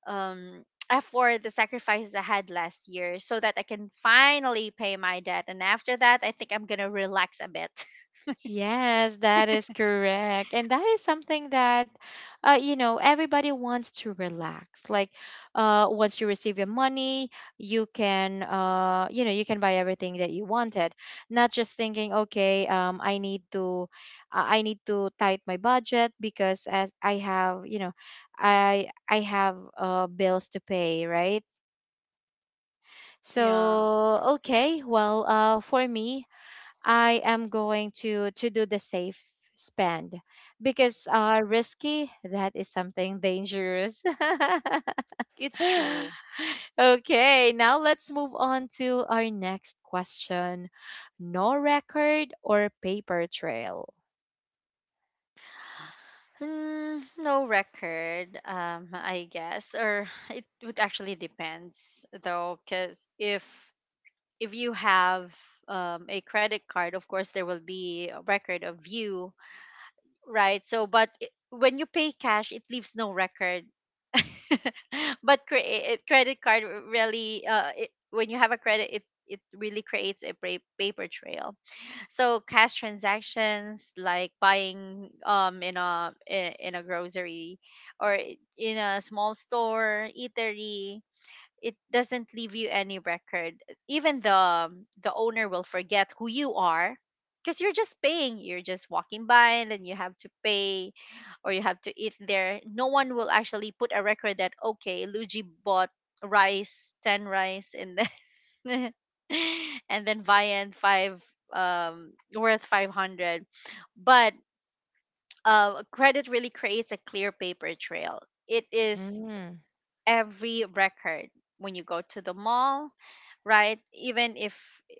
B: um effort, the sacrifices I had last year, so that I can finally pay my debt, and after that I think I'm gonna relax a bit.
A: Yes, that is correct. And that is something that, you know, everybody wants to relax. Like, once you receive your money, you can, you know, you can buy everything that you wanted. Not just thinking, okay, I need to tight my budget because as I have, you know, I have bills to pay, right?
B: Yeah,
A: So, okay, well, for me, I am going to do the safe spend, because risky that is something dangerous.
B: it's true.
A: Okay, now let's move on to our next question. No record or paper trail.
B: Hmm, no record, I guess, or it would actually depends though, because if you have a credit card, of course there will be a record of you. Right. So, but I- when you pay cash, it leaves no record. But cre- credit card really, when you have a credit, it really creates a pra- paper trail. So cash transactions, like buying in a I- in a grocery or I- in a small store, eatery, it doesn't leave you any record. Even the owner will forget who you are, because you're just paying. You're just walking by and then you have to pay or you have to eat there. No one will actually put a record that, okay, Luigi bought rice, 10 rice, and then and then Viand 5 worth 500. But credit really creates a clear paper trail. It is
A: Hmm.
B: every record when you go to the mall, right? Even if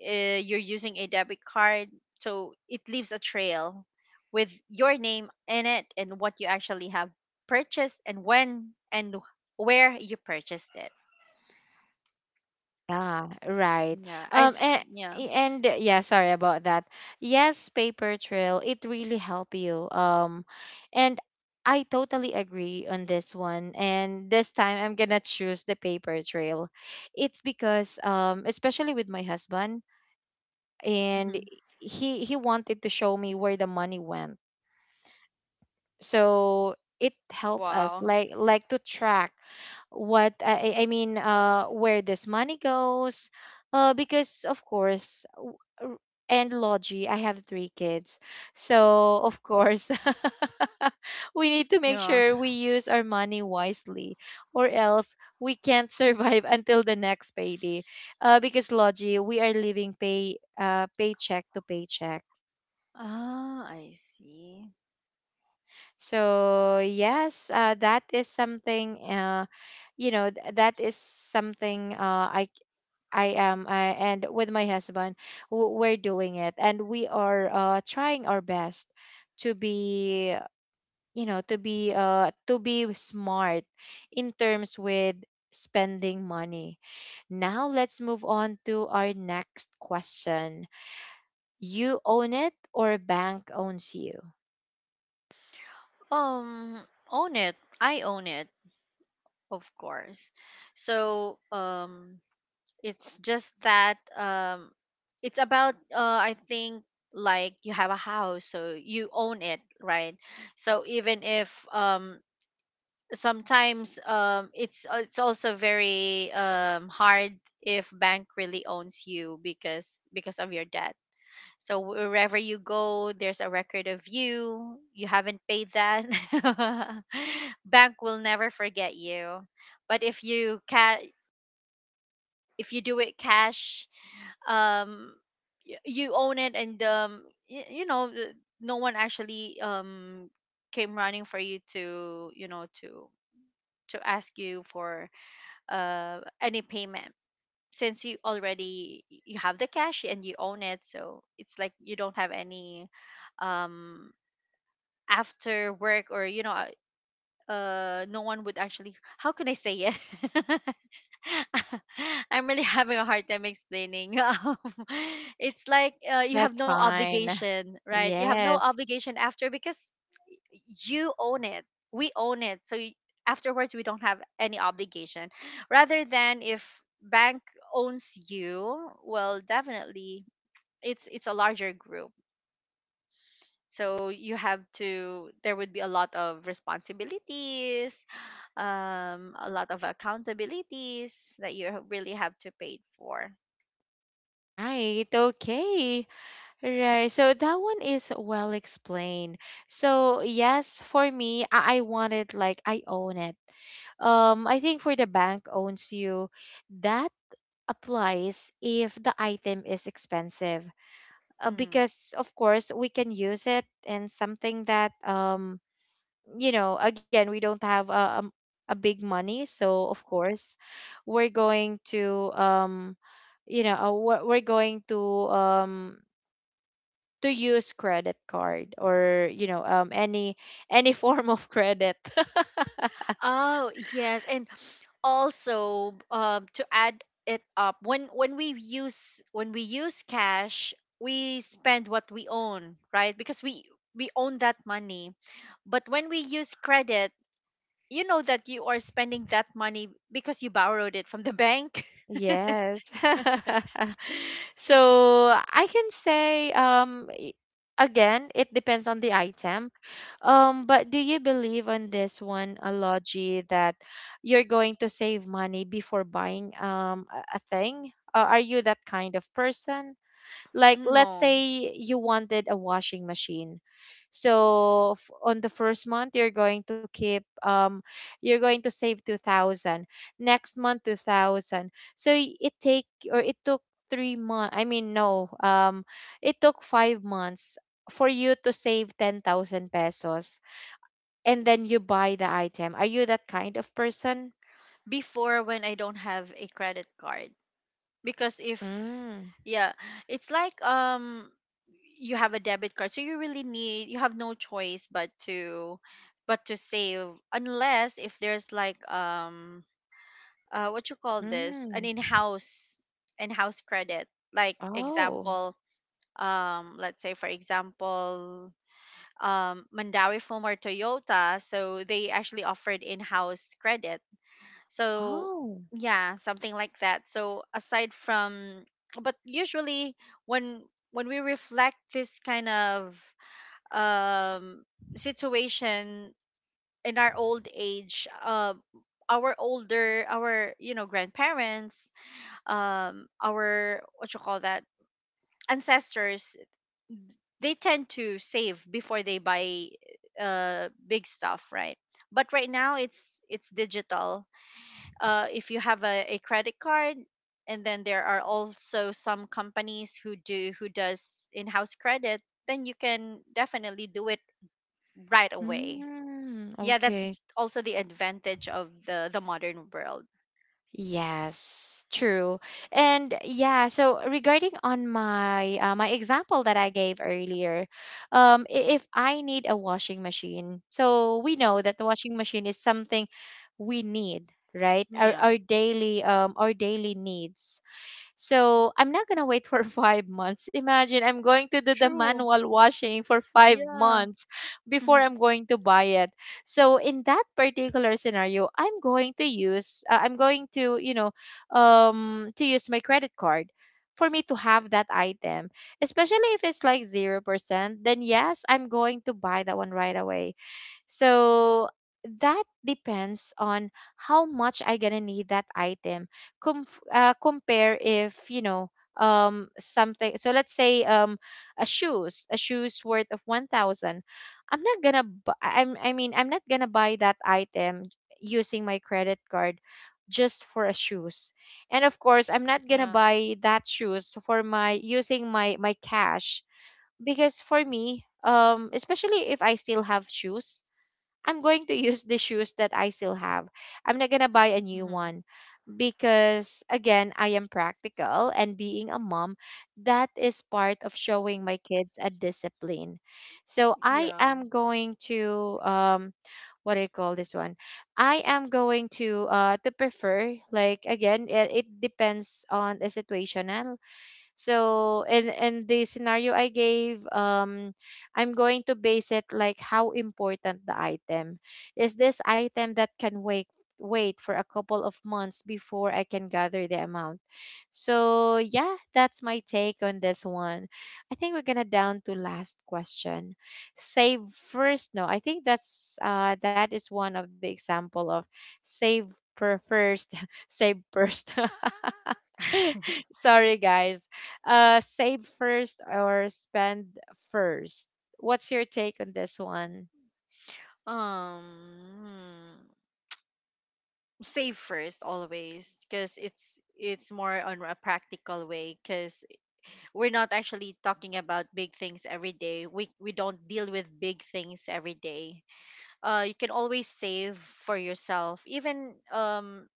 B: you're using a debit card, so it leaves a trail with your name in it, and what you actually have purchased, and when and where you purchased it.
A: Yeah, right.
B: Yeah, I
A: Um,
B: th-
A: and,
B: yeah.
A: and yeah, sorry about that. Yes, paper trail, it really help you. And I totally agree on this one. And this time I'm gonna choose the paper trail. It's because especially with my husband, and
B: Mhm.
A: he wanted to show me where the money went, so it helped us
B: Wow.
A: like to track what I mean where this money goes because of course r- and Logie I have three kids, so of course we need to make
B: Yeah.
A: sure we use our money wisely, or else we can't survive until the next payday because Logie we are living paycheck to paycheck.
B: Ah, I see.
A: So yes, that is something. You know, that is something. I c- I am, I, and with my husband, we're doing it, and we are trying our best to be, you know, to be smart in terms with spending money. Now let's move on to our next question. You own it or a bank owns you?
B: Um, own it. I own it, of course. So, it's just that it's about I think, like you have a house, so you own it, right? So even if sometimes it's also very hard if bank really owns you because of your debt. So wherever you go, there's a record of you. You haven't paid that. Bank will never forget you. But if you ca- if you do it cash, um y- you own it, and y- you know the- no one actually came running for you to, you know, to ask you for any payment, since you already you have the cash, and you own it, so it's like you don't have any um after work, or you know no one would actually, how can I say it? I'm really having a hard time explaining. It's like you have
A: That's
B: no
A: fine.
B: obligation, right? You have no
A: Yes.
B: obligation after, because you own it. We own it. So y- afterwards, we don't have any obligation. Rather than if bank owns you, well, definitely it's a larger group, so you have to, there would be a lot of responsibilities, a lot of accountabilities that you ha- really have to pay for.
A: Right, okay. Right. So that one is well explained. So yes, for me, I want it like I own it. I think for the bank owns you, that applies if the item is expensive.
B: Mhm.
A: Because of course we can use it in something that you know, again, we don't have a big money, so of course, we're going to you know, we're going um to use credit card or you know any form of credit
B: Oh, yes, and also to add it up, when when we use cash, we spend what we own, right? Because we own that money, but when we use credit, you know that you are spending that money because you borrowed it from the bank.
A: Yes. So I can say, again, it depends on the item. But do you believe on this one, Alogi, that you're going to save money before buying a thing? Are you that kind of person? Like let's
B: No,
A: say you wanted a washing machine, so on the first month you're going to keep you're going to save 2000, next month 2000, so it take or it took 3 months i mean no um it took 5 months for you to save 10,000 pesos, and then you buy the item. Are you that kind of person?
B: before when I don't have a credit card. Because if
A: Mm,
B: yeah, it's like you have a debit card, so you really need, you have no choice but to save, unless if there's like what you call this, an
A: mm,
B: in-house in-house credit, like
A: oh,
B: example let's say, for example, Mandawi Film or Toyota, so they actually offered in-house credit, so
A: oh,
B: yeah, something like that. So aside from, but usually when when we reflect this kind of um situation in our old age, our older, our you know grandparents, our what you call that, ancestors, they tend to save before they buy big stuff, right? But right now it's digital. If you have a credit card, and then there are also some companies who do who does in-house credit, then you can definitely do it right away.
A: mm,
B: Yeah, that's
A: okay.
B: also the advantage of the modern world.
A: Yes, true. And yeah, so regarding on my my example that I gave earlier, if I need a washing machine, so we know that the washing machine is something we need, right?
B: Yeah,
A: Our daily needs. So I'm not gonna wait for 5 months. Imagine I'm going to do the
B: true.
A: manual washing for five
B: Yeah.
A: months before
B: Mhm.
A: I'm going to buy it. So in that particular scenario, I'm going to use I'm going to you know to use my credit card for me to have that item, especially if it's like 0%, then yes, I'm going to buy that one right away. So that depends on how much I gonna need that item. Compare if you know something. So let's say a shoes worth of 1,000. I'm not gonna. I'm. I mean, I'm not gonna buy that item using my credit card just for a shoes. And of course, I'm not gonna
B: Yeah.
A: buy that shoes for my using my cash, because for me, especially if I still have shoes, I'm going to use the shoes that I still have. I'm not going to buy a new
B: Hmm.
A: one because, again, I am practical, and being a mom, that is part of showing my kids a discipline. So I
B: Yeah.
A: am going to, what do you call this one? I am going to prefer, like, again, it depends on the situation. So and the scenario I gave, I'm going to base it like how important the item is. This item that can wait for a couple of months before I can gather the amount? So, yeah, that's my take on this one. I think we're gonna down to last question. Save first. No, I think that is one of the example of save per first, save first. Sorry guys. Save first or spend first. What's your take on this one?
B: Um, save first always, because it's more on a practical way, because we're not actually talking about big things every day. We don't deal with big things every day. You can always save for yourself. Even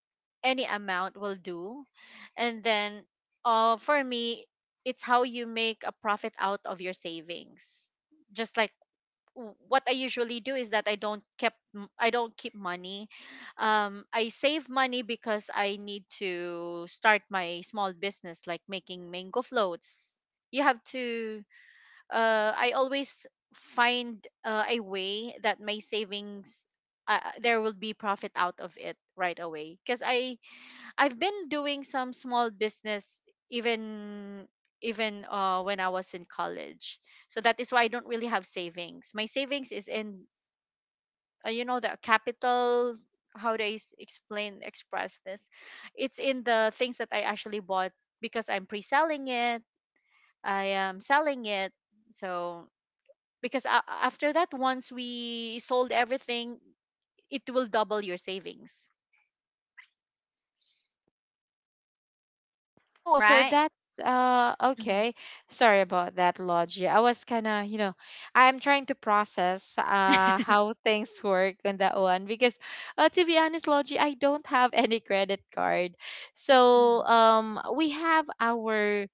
B: any amount will do. And then for me, it's how you make a profit out of your savings. Just like w- what I usually do is that I don't kept m- I don't keep money. I save money because I need to start my small business, like making mango floats. You have to. I always find a way that my savings, there will be profit out of it right away. Because I I've been doing some small business even even when I was in college. So that is why I don't really have savings. My savings is in you know, the capital, how do I s- explain, express this? It's in the things that I actually bought, because I'm pre-selling it. I am selling it. So because a- after that, once we sold everything, it will double your savings.
A: Oh, so
B: Right?
A: that's
B: Mm-hmm.
A: okay. Sorry about that, Logie. I was kind of, I'm trying to process how things work on that one, because to be honest, Logie, I don't have any credit card.
B: Mm-hmm.
A: So, we have our,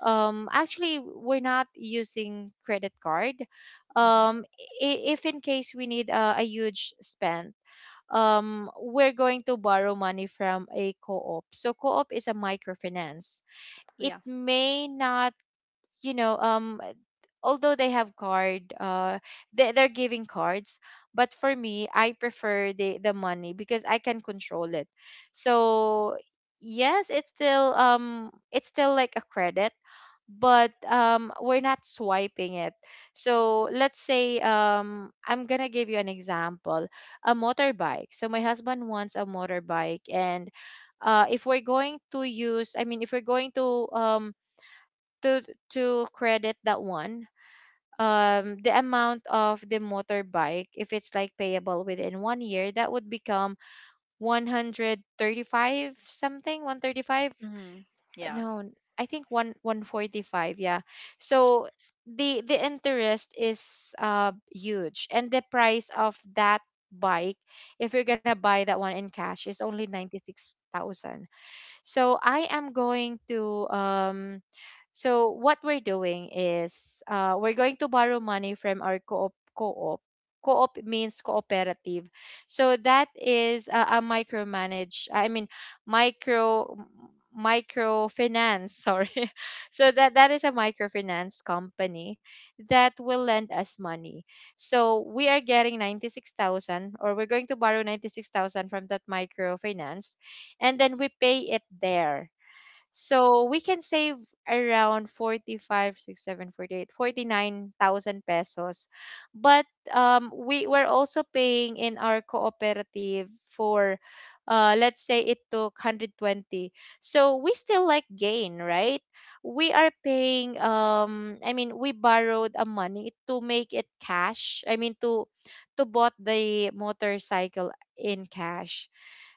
A: actually we're not using credit card.
B: Hmm.
A: Um if in case we need, a huge spend, we're going to borrow money from a co-op. So co-op is a microfinance. It
B: Yeah.
A: may not, you know um although they have card, they're giving cards. But for me, I prefer the money because I can control it. So yes, it's still like a credit, but we're not swiping it. So let's say, I'm gonna give you an example: a motorbike. So my husband wants a motorbike, and if we're going to use I mean, if we're going to, to credit that one, the amount of the motorbike, if it's like payable within one year, that would become 135, something 135,
B: Hmm. Yeah.
A: no, I think one 145, yeah. So the interest is huge, and the price of that bike, if you're gonna buy that one in cash, is only 96,000. So I am going to, so what we're doing is, we're going to borrow money from our co-op. Co-op means cooperative. So that is a micromanage I mean, micro microfinance. Sorry. So that that is a microfinance company that will lend us money. So we are getting 96,000, or we're going to borrow 96,000 from that microfinance, and then we pay it there. So we can save around 45, 6, 7, 48, 49,000 pesos. But we were also paying in our cooperative for, let's say it took 120. So we still, like, gain, right? We are paying, I mean, we borrowed a money to make it cash. I mean, to bought the motorcycle in cash.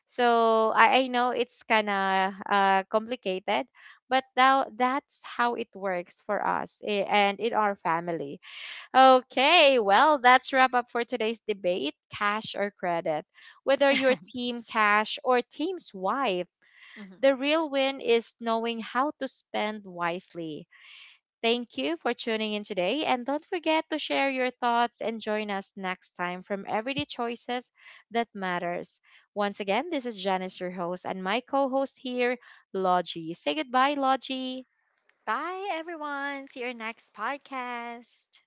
A: So I know it's kind of complicated, but now that's how it works for us and in our family. Okay, well, that's wrap up for today's debate, cash or credit. Whether you're team cash or team swipe,
B: Mhm.
A: the real win is knowing how to spend wisely. Thank you for tuning in today, and don't forget to share your thoughts and join us next time from Everyday Choices That Matters. Once again, this is Janice, your host, and my co host here, Logie. Say goodbye, Logie.
B: Bye, everyone. See your next podcast.